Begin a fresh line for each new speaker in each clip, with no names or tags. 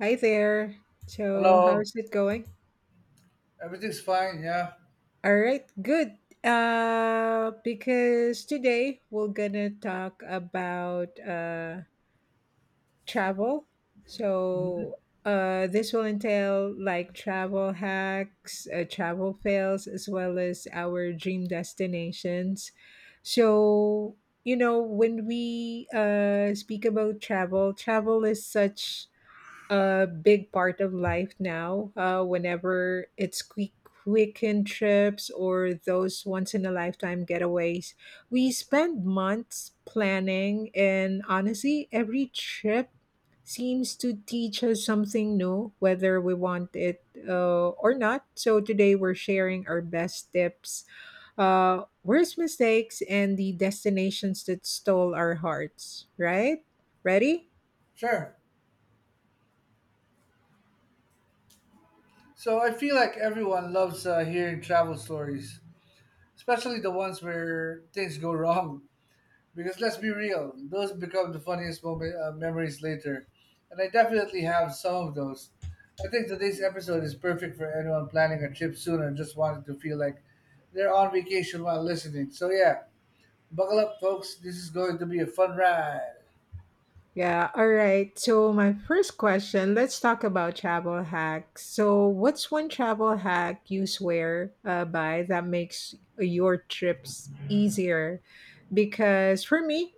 Hi there. So,
Hello,
how's it going?
everything's fine. Yeah,
All right, good. Because today we're gonna talk about travel. So, this will entail like travel hacks, travel fails, as well as our dream destinations. So, you know, when we speak about travel, is such a big part of life now. Whenever it's quick weekend trips or those once in a lifetime getaways, we spend months planning, and honestly, every trip seems to teach us something new, whether we want it or not. So today we're sharing our best tips, worst mistakes, and the destinations that stole our hearts. Right? Ready?
sure. So I feel like everyone loves hearing travel stories, especially the ones where things go wrong. Because let's be real, those become the funniest moment memories later, and I definitely have some of those. I think today's episode is perfect for anyone planning a trip soon and just wanting to feel like they're on vacation while listening. So yeah, buckle up, folks. This is going to be a fun ride.
Yeah, all right. So, my first question, let's talk about travel hacks. So, what's one travel hack you swear by that makes your trips easier? Because for me,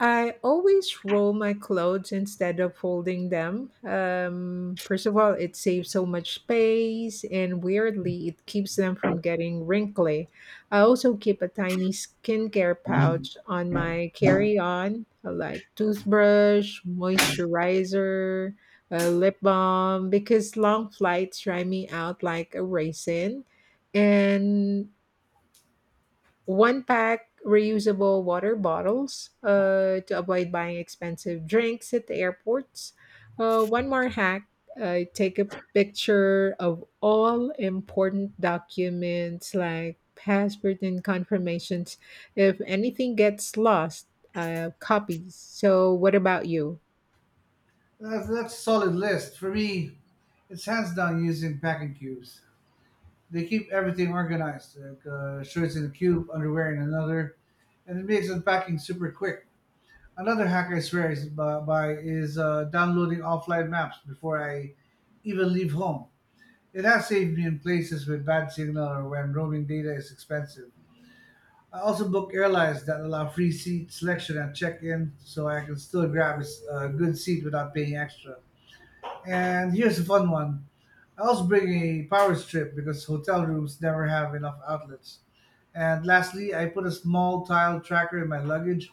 I always roll my clothes instead of folding them. First of all, it saves so much space, and weirdly, it keeps them from getting wrinkly. I also keep a tiny skincare pouch on my carry on, like toothbrush, moisturizer, lip balm, because long flights dry me out like a raisin. And one pack reusable water bottles to avoid buying expensive drinks at the airports. One more hack, take a picture of all important documents like passport and confirmations. If anything gets lost, copies. So, what about you?
That's a solid list. For me, it's hands down using packing cubes. They keep everything organized, like shirts in a cube, underwear in another, and it makes unpacking super quick. Another hack I swear is by is downloading offline maps before I even leave home. It has saved me in places with bad signal or when roaming data is expensive. I also book airlines that allow free seat selection at check-in, so I can still grab a good seat without paying extra. And here's a fun one. I also bring a power strip because hotel rooms never have enough outlets. And lastly, I put a small tile tracker in my luggage.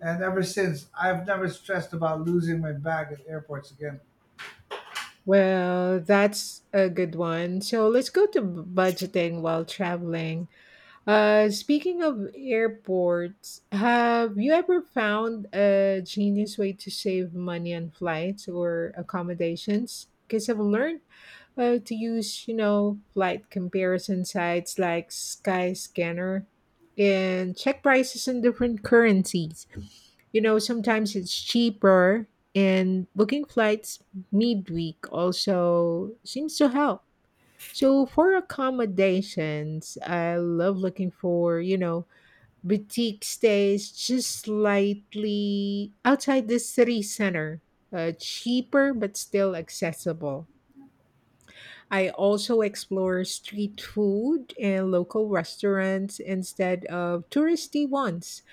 And ever since, I've never stressed about losing my bag at airports again.
Well, that's a good one. So, let's go to budgeting while traveling. Speaking of airports, have you ever found a genius way to save money on flights or accommodations? Because I've learned to use, you know, flight comparison sites like Skyscanner and check prices in different currencies. You know, sometimes it's cheaper, and booking flights midweek also seems to help. So for accommodations, I love looking for, you know, boutique stays just slightly outside the city center. Cheaper but still accessible. I also explore street food and local restaurants instead of touristy ones.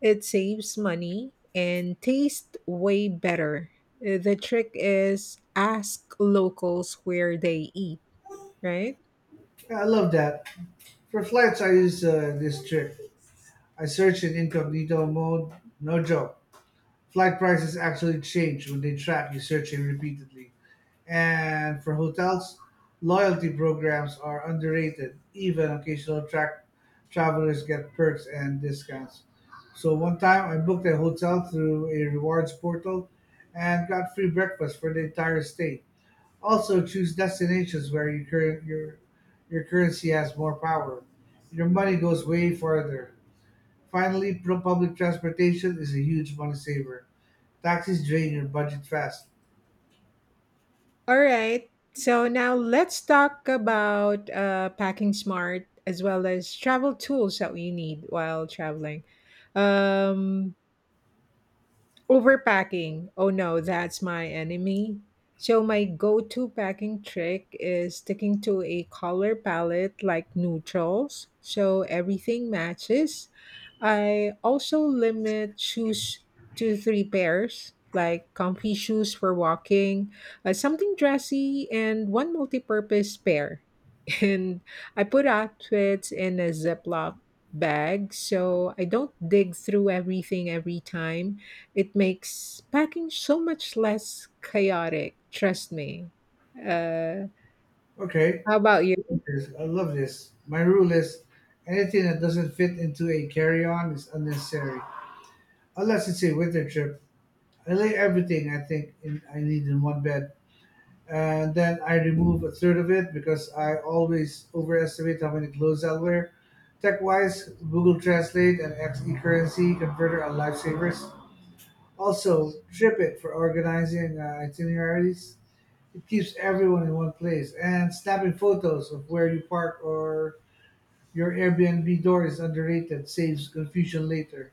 It saves money and tastes way better. The trick is ask locals where they eat, right?
Yeah, I love that. For flights, I use this trick. I search in incognito mode. No joke. Flight prices actually change when they track you searching repeatedly. And for hotels, loyalty programs are underrated. Even occasional travelers get perks and discounts. So one time I booked a hotel through a rewards portal and got free breakfast for the entire stay. Also choose destinations where your current your currency has more power. Your money goes way farther. Finally, pro public transportation is a huge money saver. Taxis drain your budget fast.
All right. So now let's talk about packing smart as well as travel tools that we need while traveling. Um, Overpacking. Oh no, that's my enemy. So my go-to packing trick is sticking to a color palette like neutrals, so everything matches. I also limit shoes to three pairs, like comfy shoes for walking, something dressy, and one multi-purpose pair. And I put outfits in a Ziploc bag so I don't dig through everything every time. It makes packing so much less chaotic, trust me. Uh,
Okay,
how about you?
yes, I love this. My rule is anything that doesn't fit into a carry-on is unnecessary. Unless it's a winter trip. I lay everything I need in one bed. And then I remove a third of it because I always overestimate how many clothes I'll wear. Tech-wise, Google Translate and XE currency converter are lifesavers. Also, Trip It for organizing itineraries. It keeps everyone in one place, and snapping photos of where you park or your Airbnb door is underrated, saves confusion later.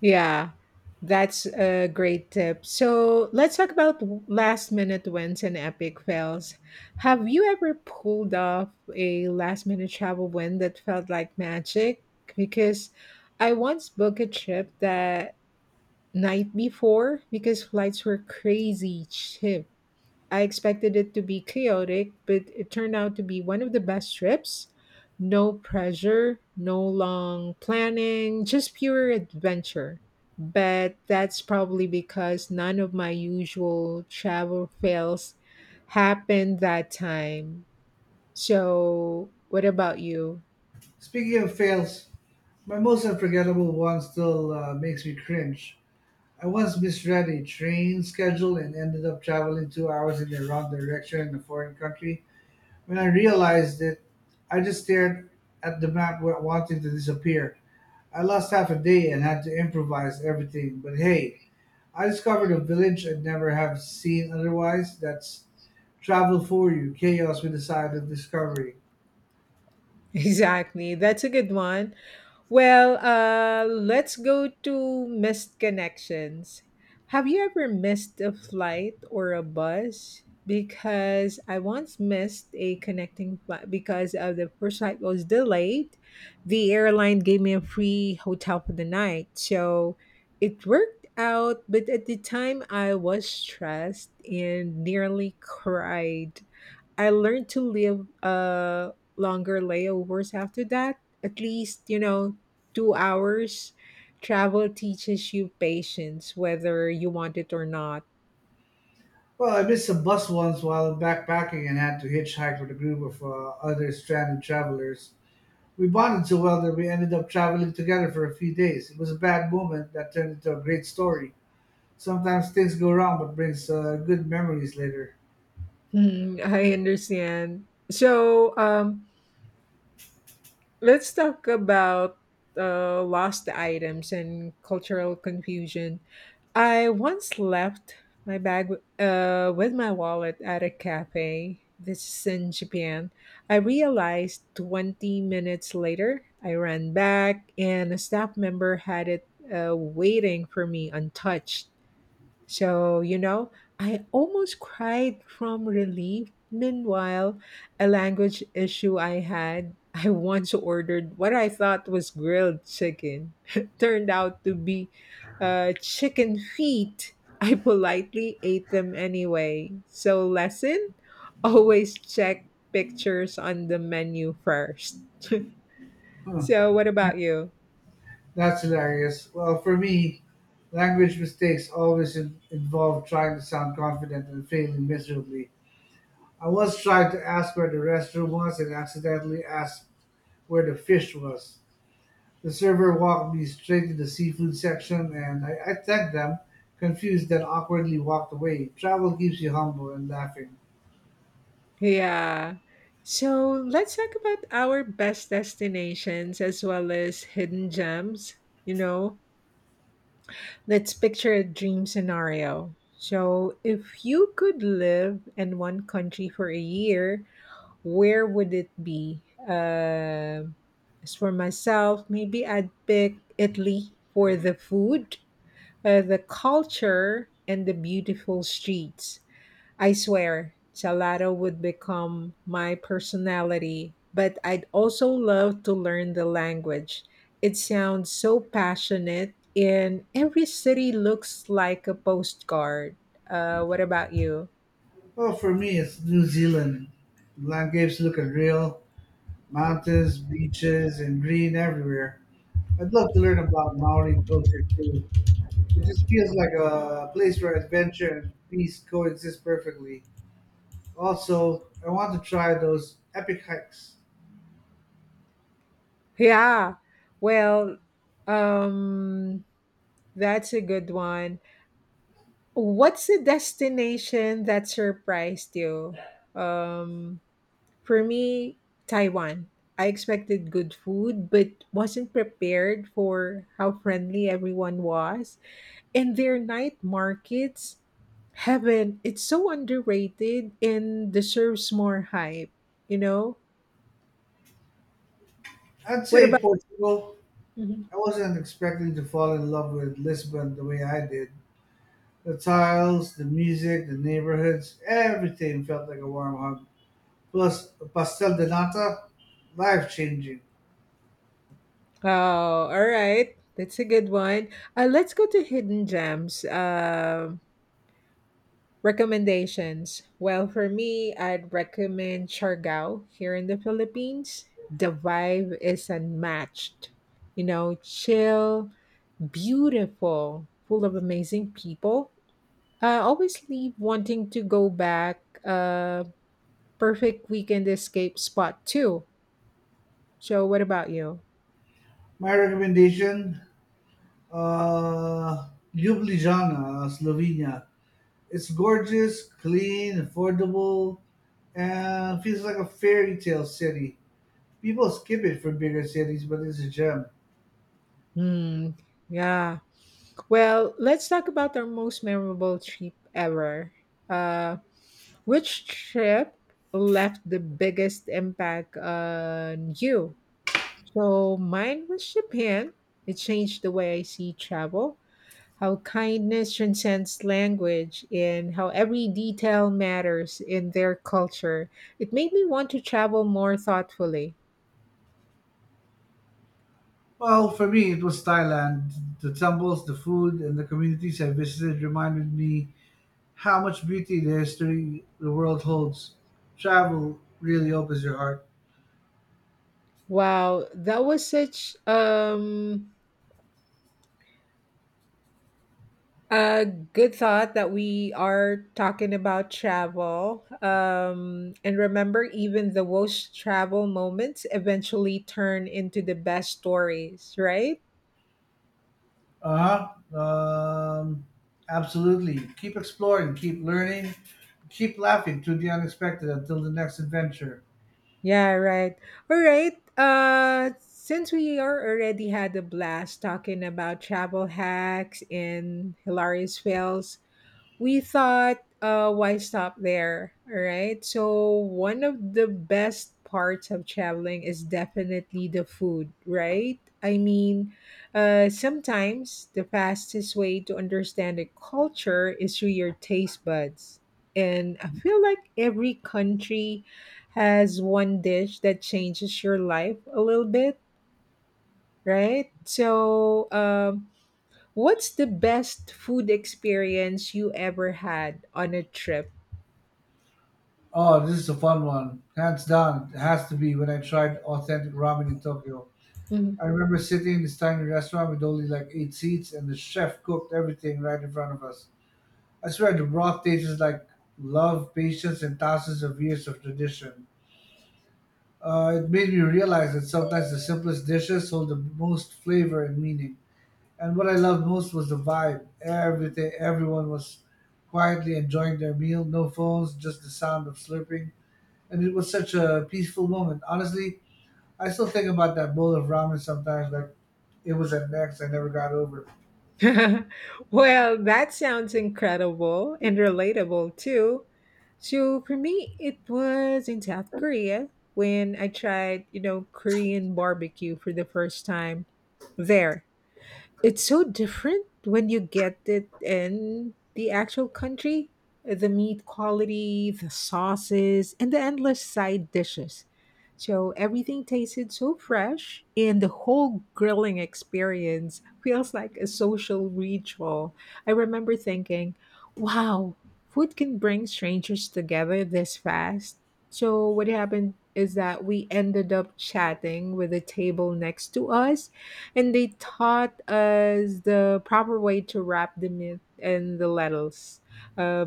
Yeah, that's a great tip. So let's talk about last minute wins and epic fails. Have you ever pulled off a last minute travel win that felt like magic? Because I once booked a trip that night before because flights were crazy cheap. I expected it to be chaotic, but it turned out to be one of the best trips. No pressure, no long planning, just pure adventure. But that's probably because none of my usual travel fails happened that time. So, what about you?
Speaking of fails, my most unforgettable one still makes me cringe. I once misread a train schedule and ended up traveling 2 hours in the wrong direction in a foreign country. When I realized it, I just stared at the map wanting to disappear. I lost half a day and had to improvise everything, but hey, I discovered a village I'd never have seen otherwise. That's travel for you, chaos with a side of discovery.
Exactly. That's a good one. Well, let's go to missed connections. Have you ever missed a flight or a bus? Because I once missed a connecting flight because of the first flight was delayed. The airline gave me a free hotel for the night. So it worked out, but at the time I was stressed and nearly cried. I learned to live longer layovers after that. At least, you know, 2 hours. Travel teaches you patience, whether you want it or not.
Well, I missed a bus once while backpacking and had to hitchhike with a group of other stranded travelers. We bonded so well that we ended up traveling together for a few days. It was a bad moment that turned into a great story. Sometimes things go wrong but brings good memories later.
Mhm, I understand. So, let's talk about lost items and cultural confusion. I once left my bag with my wallet at a cafe. This is in Japan. I realized 20 minutes later, I ran back and a staff member had it waiting for me untouched. So, you know, I almost cried from relief. Meanwhile, a language issue I had, I once ordered what I thought was grilled chicken. Turned out to be chicken feet. I politely ate them anyway. So, lesson, always check pictures on the menu first.
Huh,
So, what about you?
that's hilarious. Well, for me, language mistakes always involve trying to sound confident and failing miserably. I once tried to ask where the restroom was and accidentally asked where the fish was. The server walked me straight to the seafood section, and I thanked them, confused, then awkwardly walked away. Travel keeps you humble and laughing.
Yeah. So let's talk about our best destinations as well as hidden gems. You know, let's picture a dream scenario. So, if you could live in one country for a year, where would it be? Um as for myself, maybe I'd pick Italy for the food, the culture, and the beautiful streets. I swear, gelato would become my personality, but I'd also love to learn the language. It sounds so passionate, and every city looks like a postcard. What about you?
Well, for me, it's New Zealand. Landscapes look unreal, mountains, beaches, and green everywhere. I'd love to learn about Maori culture too. It just feels like a place where adventure and peace coexist perfectly. Also, I want to try those epic hikes.
Yeah, well, um, that's a good one. What's the destination that surprised you? Um, For me, Taiwan. I expected good food, but wasn't prepared for how friendly everyone was. And their night markets, heaven, it's so underrated and deserves more hype. You know?
I'd
What about?
say Portugal.
Mhm.
I wasn't expecting to fall in love with Lisbon the way I did. The tiles, the music, the neighborhoods, everything felt like a warm hug. Plus, pastel de nata, life changing.
Oh, all right. That's a good one. Let's go to hidden gems. Recommendations. Well, for me, I'd recommend Chargao here in the Philippines. The vibe is unmatched. You know, chill, beautiful, full of amazing people. I always leave wanting to go back. Perfect weekend escape spot too. So, what about you?
My recommendation, uh, Ljubljana, Slovenia. It's gorgeous, clean, affordable, and feels like a fairy tale city. People skip it for bigger cities, but it's a gem.
Hmm. Yeah. Well, let's talk about our most memorable trip ever. Uh, Which trip left the biggest impact on you? So mine was Japan. It changed the way I see travel, how kindness transcends language, and how every detail matters in their culture. It made me want to travel more thoughtfully.
Well, for me, it was Thailand. The temples, the food, and the communities I visited reminded me how much beauty the history the world holds. Travel really opens your heart.
Wow, that was such a good thought that we are talking about travel. And remember, even the worst travel moments eventually turn into the best stories, right?
Uh huh. Um, absolutely. Keep exploring, keep learning, keep laughing to the unexpected until the next adventure.
Yeah, right. All right. Since we are already had a blast talking about travel hacks and hilarious fails, we thought, why stop there? All right. So, one of the best parts of traveling is definitely the food, right? I mean, sometimes the fastest way to understand a culture is through your taste buds. And I feel like every country has one dish that changes your life a little bit, right? So, what's the best food experience you ever had on a trip?
Oh, this is a fun one. Hands down, it has to be when I tried authentic ramen in Tokyo.
Mhm.
I remember sitting in this tiny restaurant with only like eight seats, and the chef cooked everything right in front of us. I swear the broth tasted like love, patience, and thousands of years of tradition. It made me realize that sometimes the simplest dishes hold the most flavor and meaning. And what I loved most was the vibe. Everything, everyone was quietly enjoying their meal, no phones, just the sound of slurping. And it was such a peaceful moment. Honestly, I still think about that bowl of ramen sometimes, like it was at next. I never got over.
Well, that sounds incredible and relatable too. So for me, it was in South Korea when I tried, you know, Korean barbecue for the first time there. It's so different when you get it in the actual country. The meat quality, the sauces, and the endless side dishes. So everything tasted so fresh, and the whole grilling experience feels like a social ritual. I remember thinking, wow, food can bring strangers together this fast. So, what happened is that we ended up chatting with the table next to us and they taught us the proper way to wrap the meat and the lentils. Uh,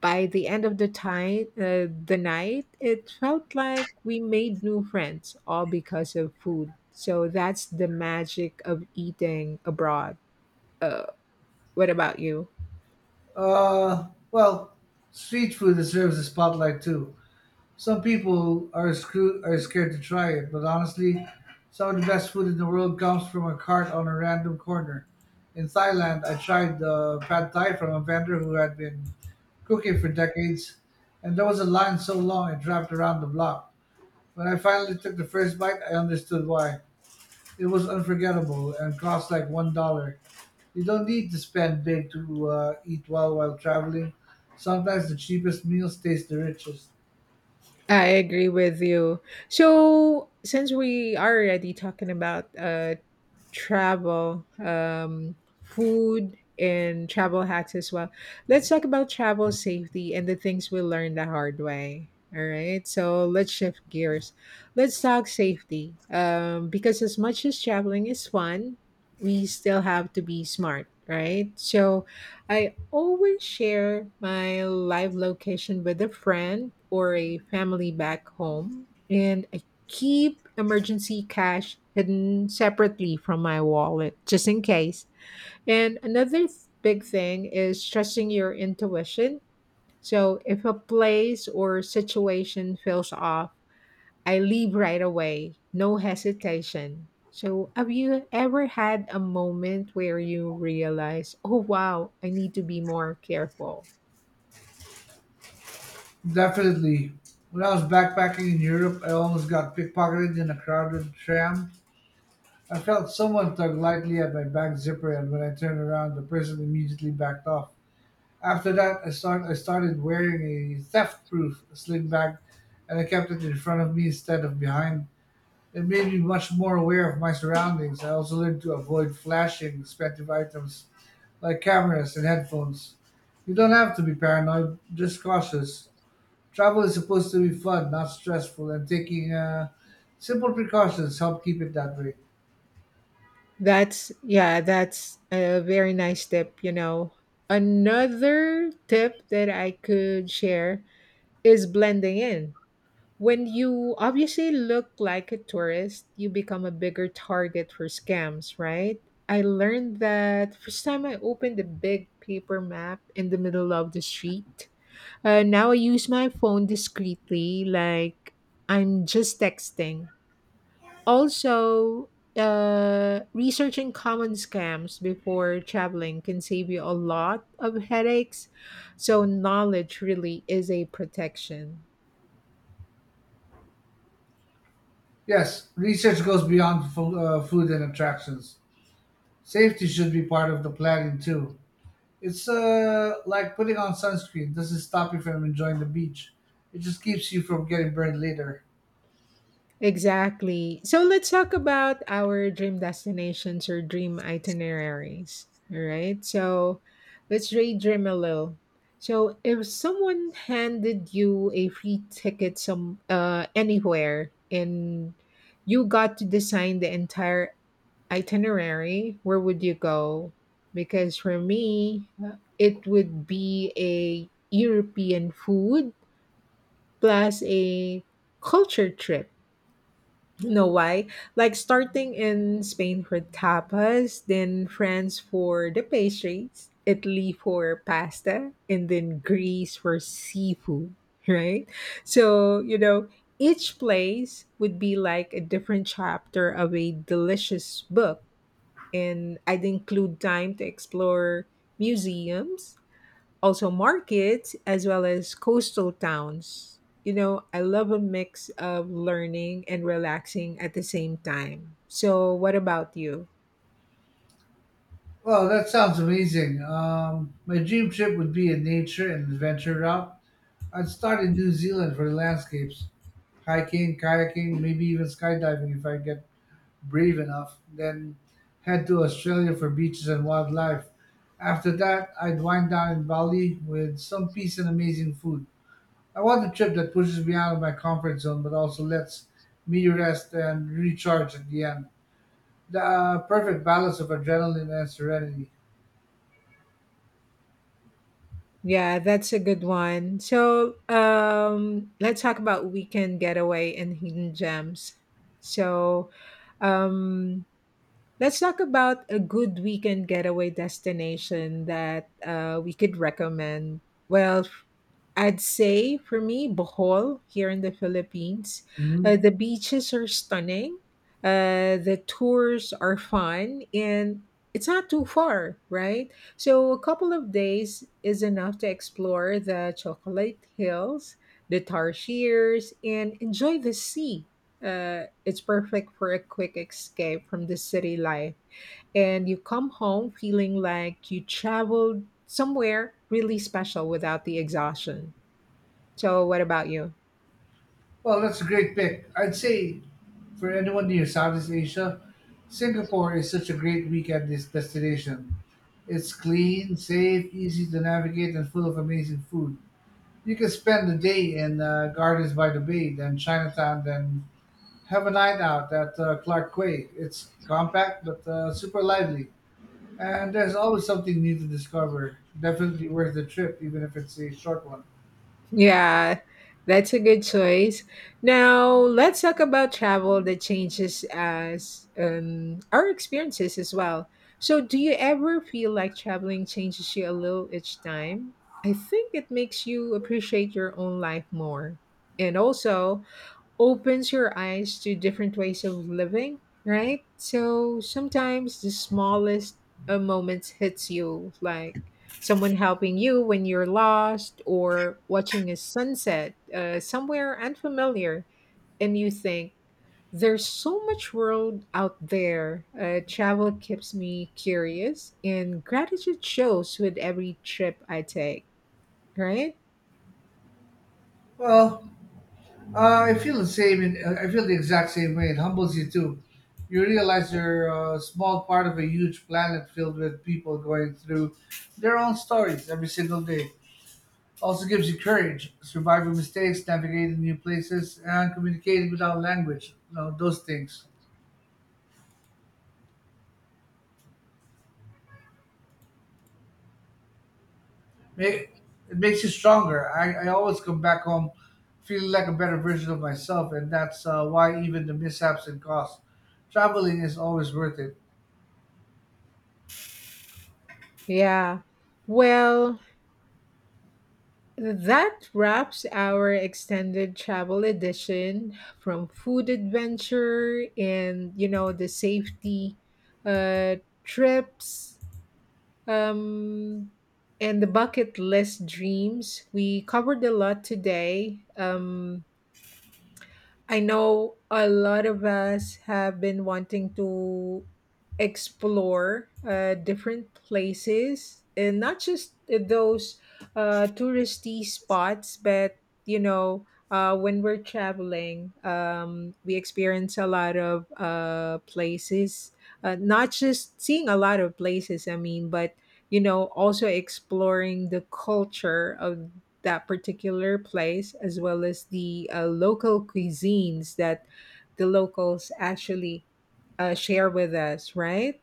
by the end of the time, the night, it felt like we made new friends, all because of food. So that's the magic of eating abroad. Uh, what about you?
Uh, well, street food deserves the spotlight too. Some people are screw are scared to try it, but honestly, some of the best food in the world comes from a cart on a random corner. In Thailand, I tried pad thai from a vendor who had been cooking for decades, and there was a line so long it wrapped around the block. When I finally took the first bite, I understood why. It was unforgettable and cost like $1. You don't need to spend big to eat well while traveling. Sometimes the cheapest meals taste the richest.
I agree with you. So, since we are already talking about travel, food, and travel hacks as well, let's talk about travel safety and the things we learned the hard way. All right. So, let's shift gears. Let's talk safety. Because as much as traveling is fun, we still have to be smart, right? So, I always share my live location with a friend or a family back home, and I keep emergency cash hidden separately from my wallet just in case. And another big thing is trusting your intuition. So if a place or situation feels off, I leave right away, no hesitation. So, have you ever had a moment where you realize, oh wow, I need to be more careful?
Definitely. When I was backpacking in Europe, I almost got pickpocketed in a crowded tram. I felt someone tug lightly at my back zipper, and when I turned around, the person immediately backed off. After that, I started wearing a theft proof sling bag, and I kept it in front of me instead of behind. It made me much more aware of my surroundings. I also learned to avoid flashing expensive items like cameras and headphones. You don't have to be paranoid, just cautious. Travel is supposed to be fun, not stressful, and taking simple precautions help keep it that way.
That's, yeah, that's a very nice tip, you know. Another tip that I could share is blending in. When you obviously look like a tourist, you become a bigger target for scams, right? I learned that first time I opened a big paper map in the middle of the street. Now I use my phone discreetly, like I'm just texting. Also, researching common scams before traveling can save you a lot of headaches. So, knowledge really is a protection.
Yes, research goes beyond food and attractions. Safety should be part of the planning too. It's like putting on sunscreen. Doesn't stop you from enjoying the beach. It just keeps you from getting burned later.
Exactly. So let's talk about our dream destinations or dream itineraries. All right. So let's daydream a little. So if someone handed you a free ticket some anywhere and you got to design the entire itinerary, where would you go? Because for me, it would be a European food plus a culture trip, you know why? Like starting in Spain for tapas, then France for the pastries, Italy for pasta, and then Greece for seafood, right? So, you know, each place would be like a different chapter of a delicious book. And I'd include time to explore museums, also markets as well as coastal towns. You know, I love a mix of learning and relaxing at the same time. So, what about you?
Well, that sounds amazing. My dream trip would be a nature and adventure route. I'd start in New Zealand for the landscapes, hiking, kayaking, maybe even skydiving if I get brave enough. Then head to Australia for beaches and wildlife. After that, I'd wind down in Bali with some peace and amazing food. I want a trip that pushes me out of my comfort zone but also lets me rest and recharge at the end. The perfect balance of adrenaline and serenity.
Yeah, that's a good one. So, let's talk about weekend getaway and hidden gems. So, um, let's talk about a good weekend getaway destination that we could recommend. Well, I'd say for me, Bohol here in the Philippines. Uh,
Mhm.
the beaches are stunning. The tours are fun and it's not too far, right? So a couple of days is enough to explore the Chocolate Hills, the Tarsiers, and enjoy the sea. It's perfect for a quick escape from the city life. And you come home feeling like you traveled somewhere really special without the exhaustion. So, what about you?
Well, that's a great pick. I'd say for anyone near Southeast Asia, Singapore is such a great weekend destination. It's clean, safe, easy to navigate, and full of amazing food. You can spend the day in Gardens by the Bay, then Chinatown, then have a night out at Clark Quay. It's compact but super lively, and there's always something new to discover. Definitely worth the trip, even if it's a short one.
Yeah, that's a good choice. Now, let's talk about travel that changes as our experiences as well. So, do you ever feel like traveling changes you a little each time? I think it makes you appreciate your own life more. And also, opens your eyes to different ways of living, right? So sometimes the smallest moments hits you, like someone helping you when you're lost or watching a sunset somewhere unfamiliar, and you think, there's so much world out there. Travel keeps me curious, and gratitude shows with every trip I take, right?
Well, I feel the same. I feel the exact same way. It humbles you too. You realize you're a small part of a huge planet filled with people going through their own stories every single day. Also gives you courage, surviving mistakes, navigating new places, and communicating without language. You know those things. Ma- It makes you stronger. I always come back home feeling like a better version of myself, and that's why even the mishaps and costs, traveling is always worth it.
Yeah. Well, that wraps our extended travel edition from food adventure and, the safety uh, trips um, and the bucket list dreams. We covered a lot today. I know a lot of us have been wanting to explore different places and not just those touristy spots, but when we're traveling, we experience a lot of places, not just seeing a lot of places, I mean, but also exploring the culture of that particular place as well as the local cuisines that the locals actually share with us, right?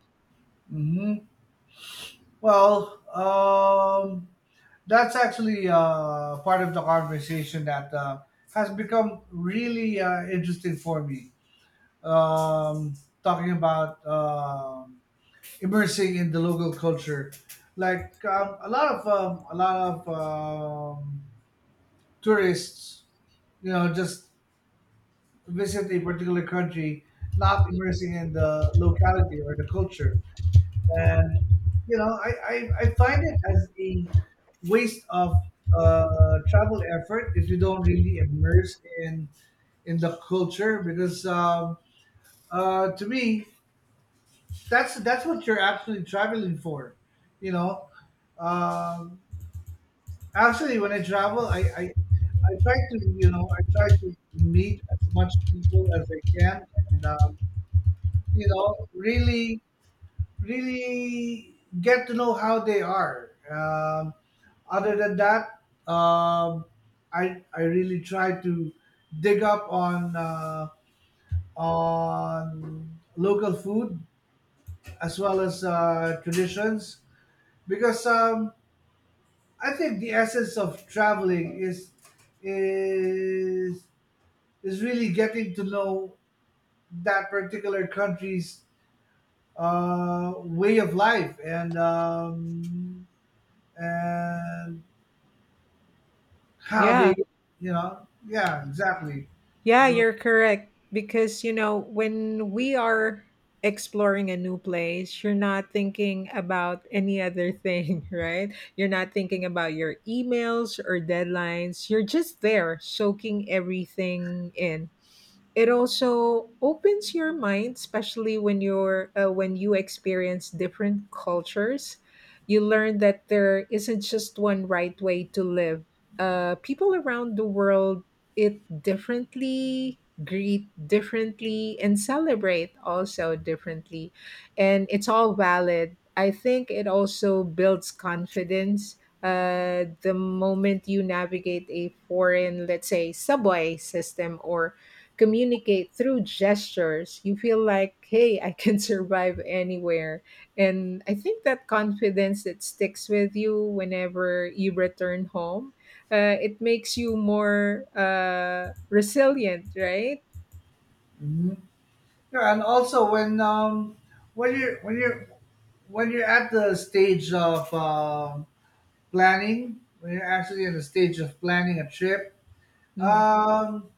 Hmm. Well, that's actually part of the conversation that has become really interesting for me. Um, talking about immersing in the local culture, like a lot of tourists, you know, just visit a particular country, not immersing in the locality or the culture. And you know, I find it as a waste of travel effort if you don't really immerse in the culture because to me that's what you're actually traveling for. You know, um, actually when I travel, I try to you know I try to meet as much people as I can, and you know really get to know how they are. Other than that, um, I really try to dig up on local food as well as traditions because I think the essence of traveling is is really getting to know that particular country's way of life, and and how they
Yeah,
you know yeah exactly
yeah,
so.
you're correct. Because, you know, when we are exploring a new place, you're not thinking about any other thing, right? You're not thinking about your emails or deadlines. You're just there soaking everything in. It also opens your mind, especially when you experience different cultures. You learn that there isn't just one right way to live. People around the world eat differently, greet differently, and celebrate also differently, and it's all valid. I think it also builds confidence. Uh, the moment you navigate a foreign, let's say, subway system or communicate through gestures, you feel like, hey, I can survive anywhere. And I think that confidence that sticks with you whenever you return home, it makes you more resilient, right?
Mhm. Yeah, and also when when you're when you're when you're at the stage of planning, when you're actually in the stage of planning a trip,
Mm,
um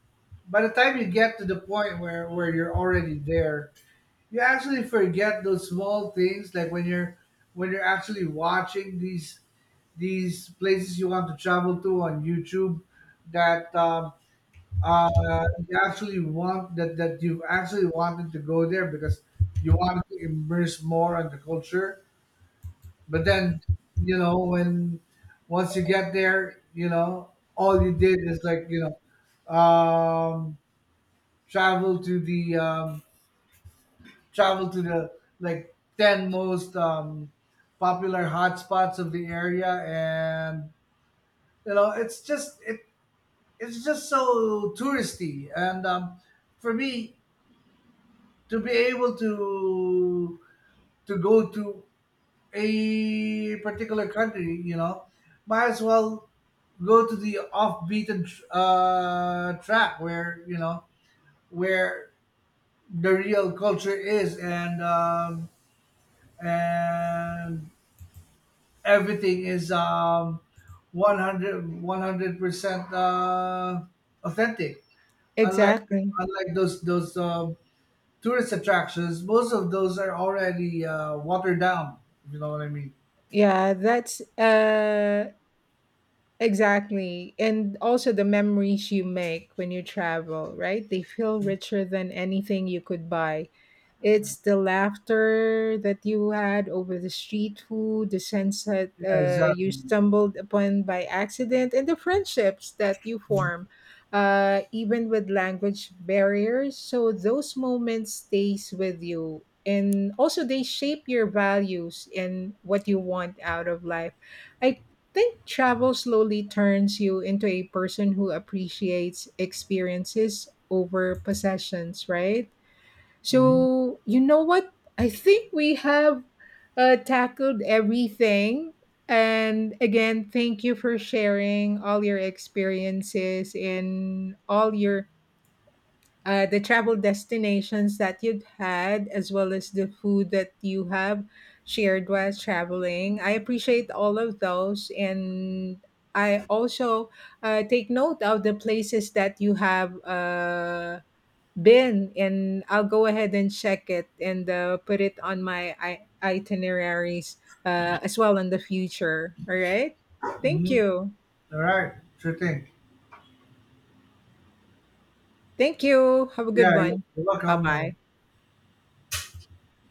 by the time you get to the point where you're already there, you actually forget those small things, like when you're actually watching these places you want to travel to on YouTube, that you actually want that that you actually wanted to go there because you wanted to immerse more on the culture. But then you know when once you get there, you know all you did is like you know um, travel to the um, travel to the like 10 most popular hotspots of the area, and you know it's just so touristy, and for me to be able to go to a particular country, you know, might as well go to the off beaten track where you know where the real culture is, and and everything is 100% authentic. Unlike
exactly.
Unlike those tourist attractions, most of those are already watered down. If you know what I mean?
Yeah, that's exactly. And also the memories you make when you travel, right? They feel richer than anything you could buy. It's the laughter that you had over the street food, the sunset,
Yeah,
that you
exactly.
stumbled upon by accident, and the friendships that you form, even with language barriers. So those moments stays with you, and also they shape your values and what you want out of life. I think travel slowly turns you into a person who appreciates experiences over possessions, right?
Mhm.
So, you know what? I think we have tackled everything. And again, thank you for sharing all your experiences in all your the travel destinations that you'd had, as well as the food that you have shared while traveling. I appreciate all of those, and I also take note of the places that you have been. And I'll go ahead and check it and put it on my I- itineraries as well in the future. All right. Thank you.
All right, sure thing.
Thank you. Have a good
Yeah, you're
one. Bye
welcome.
bye.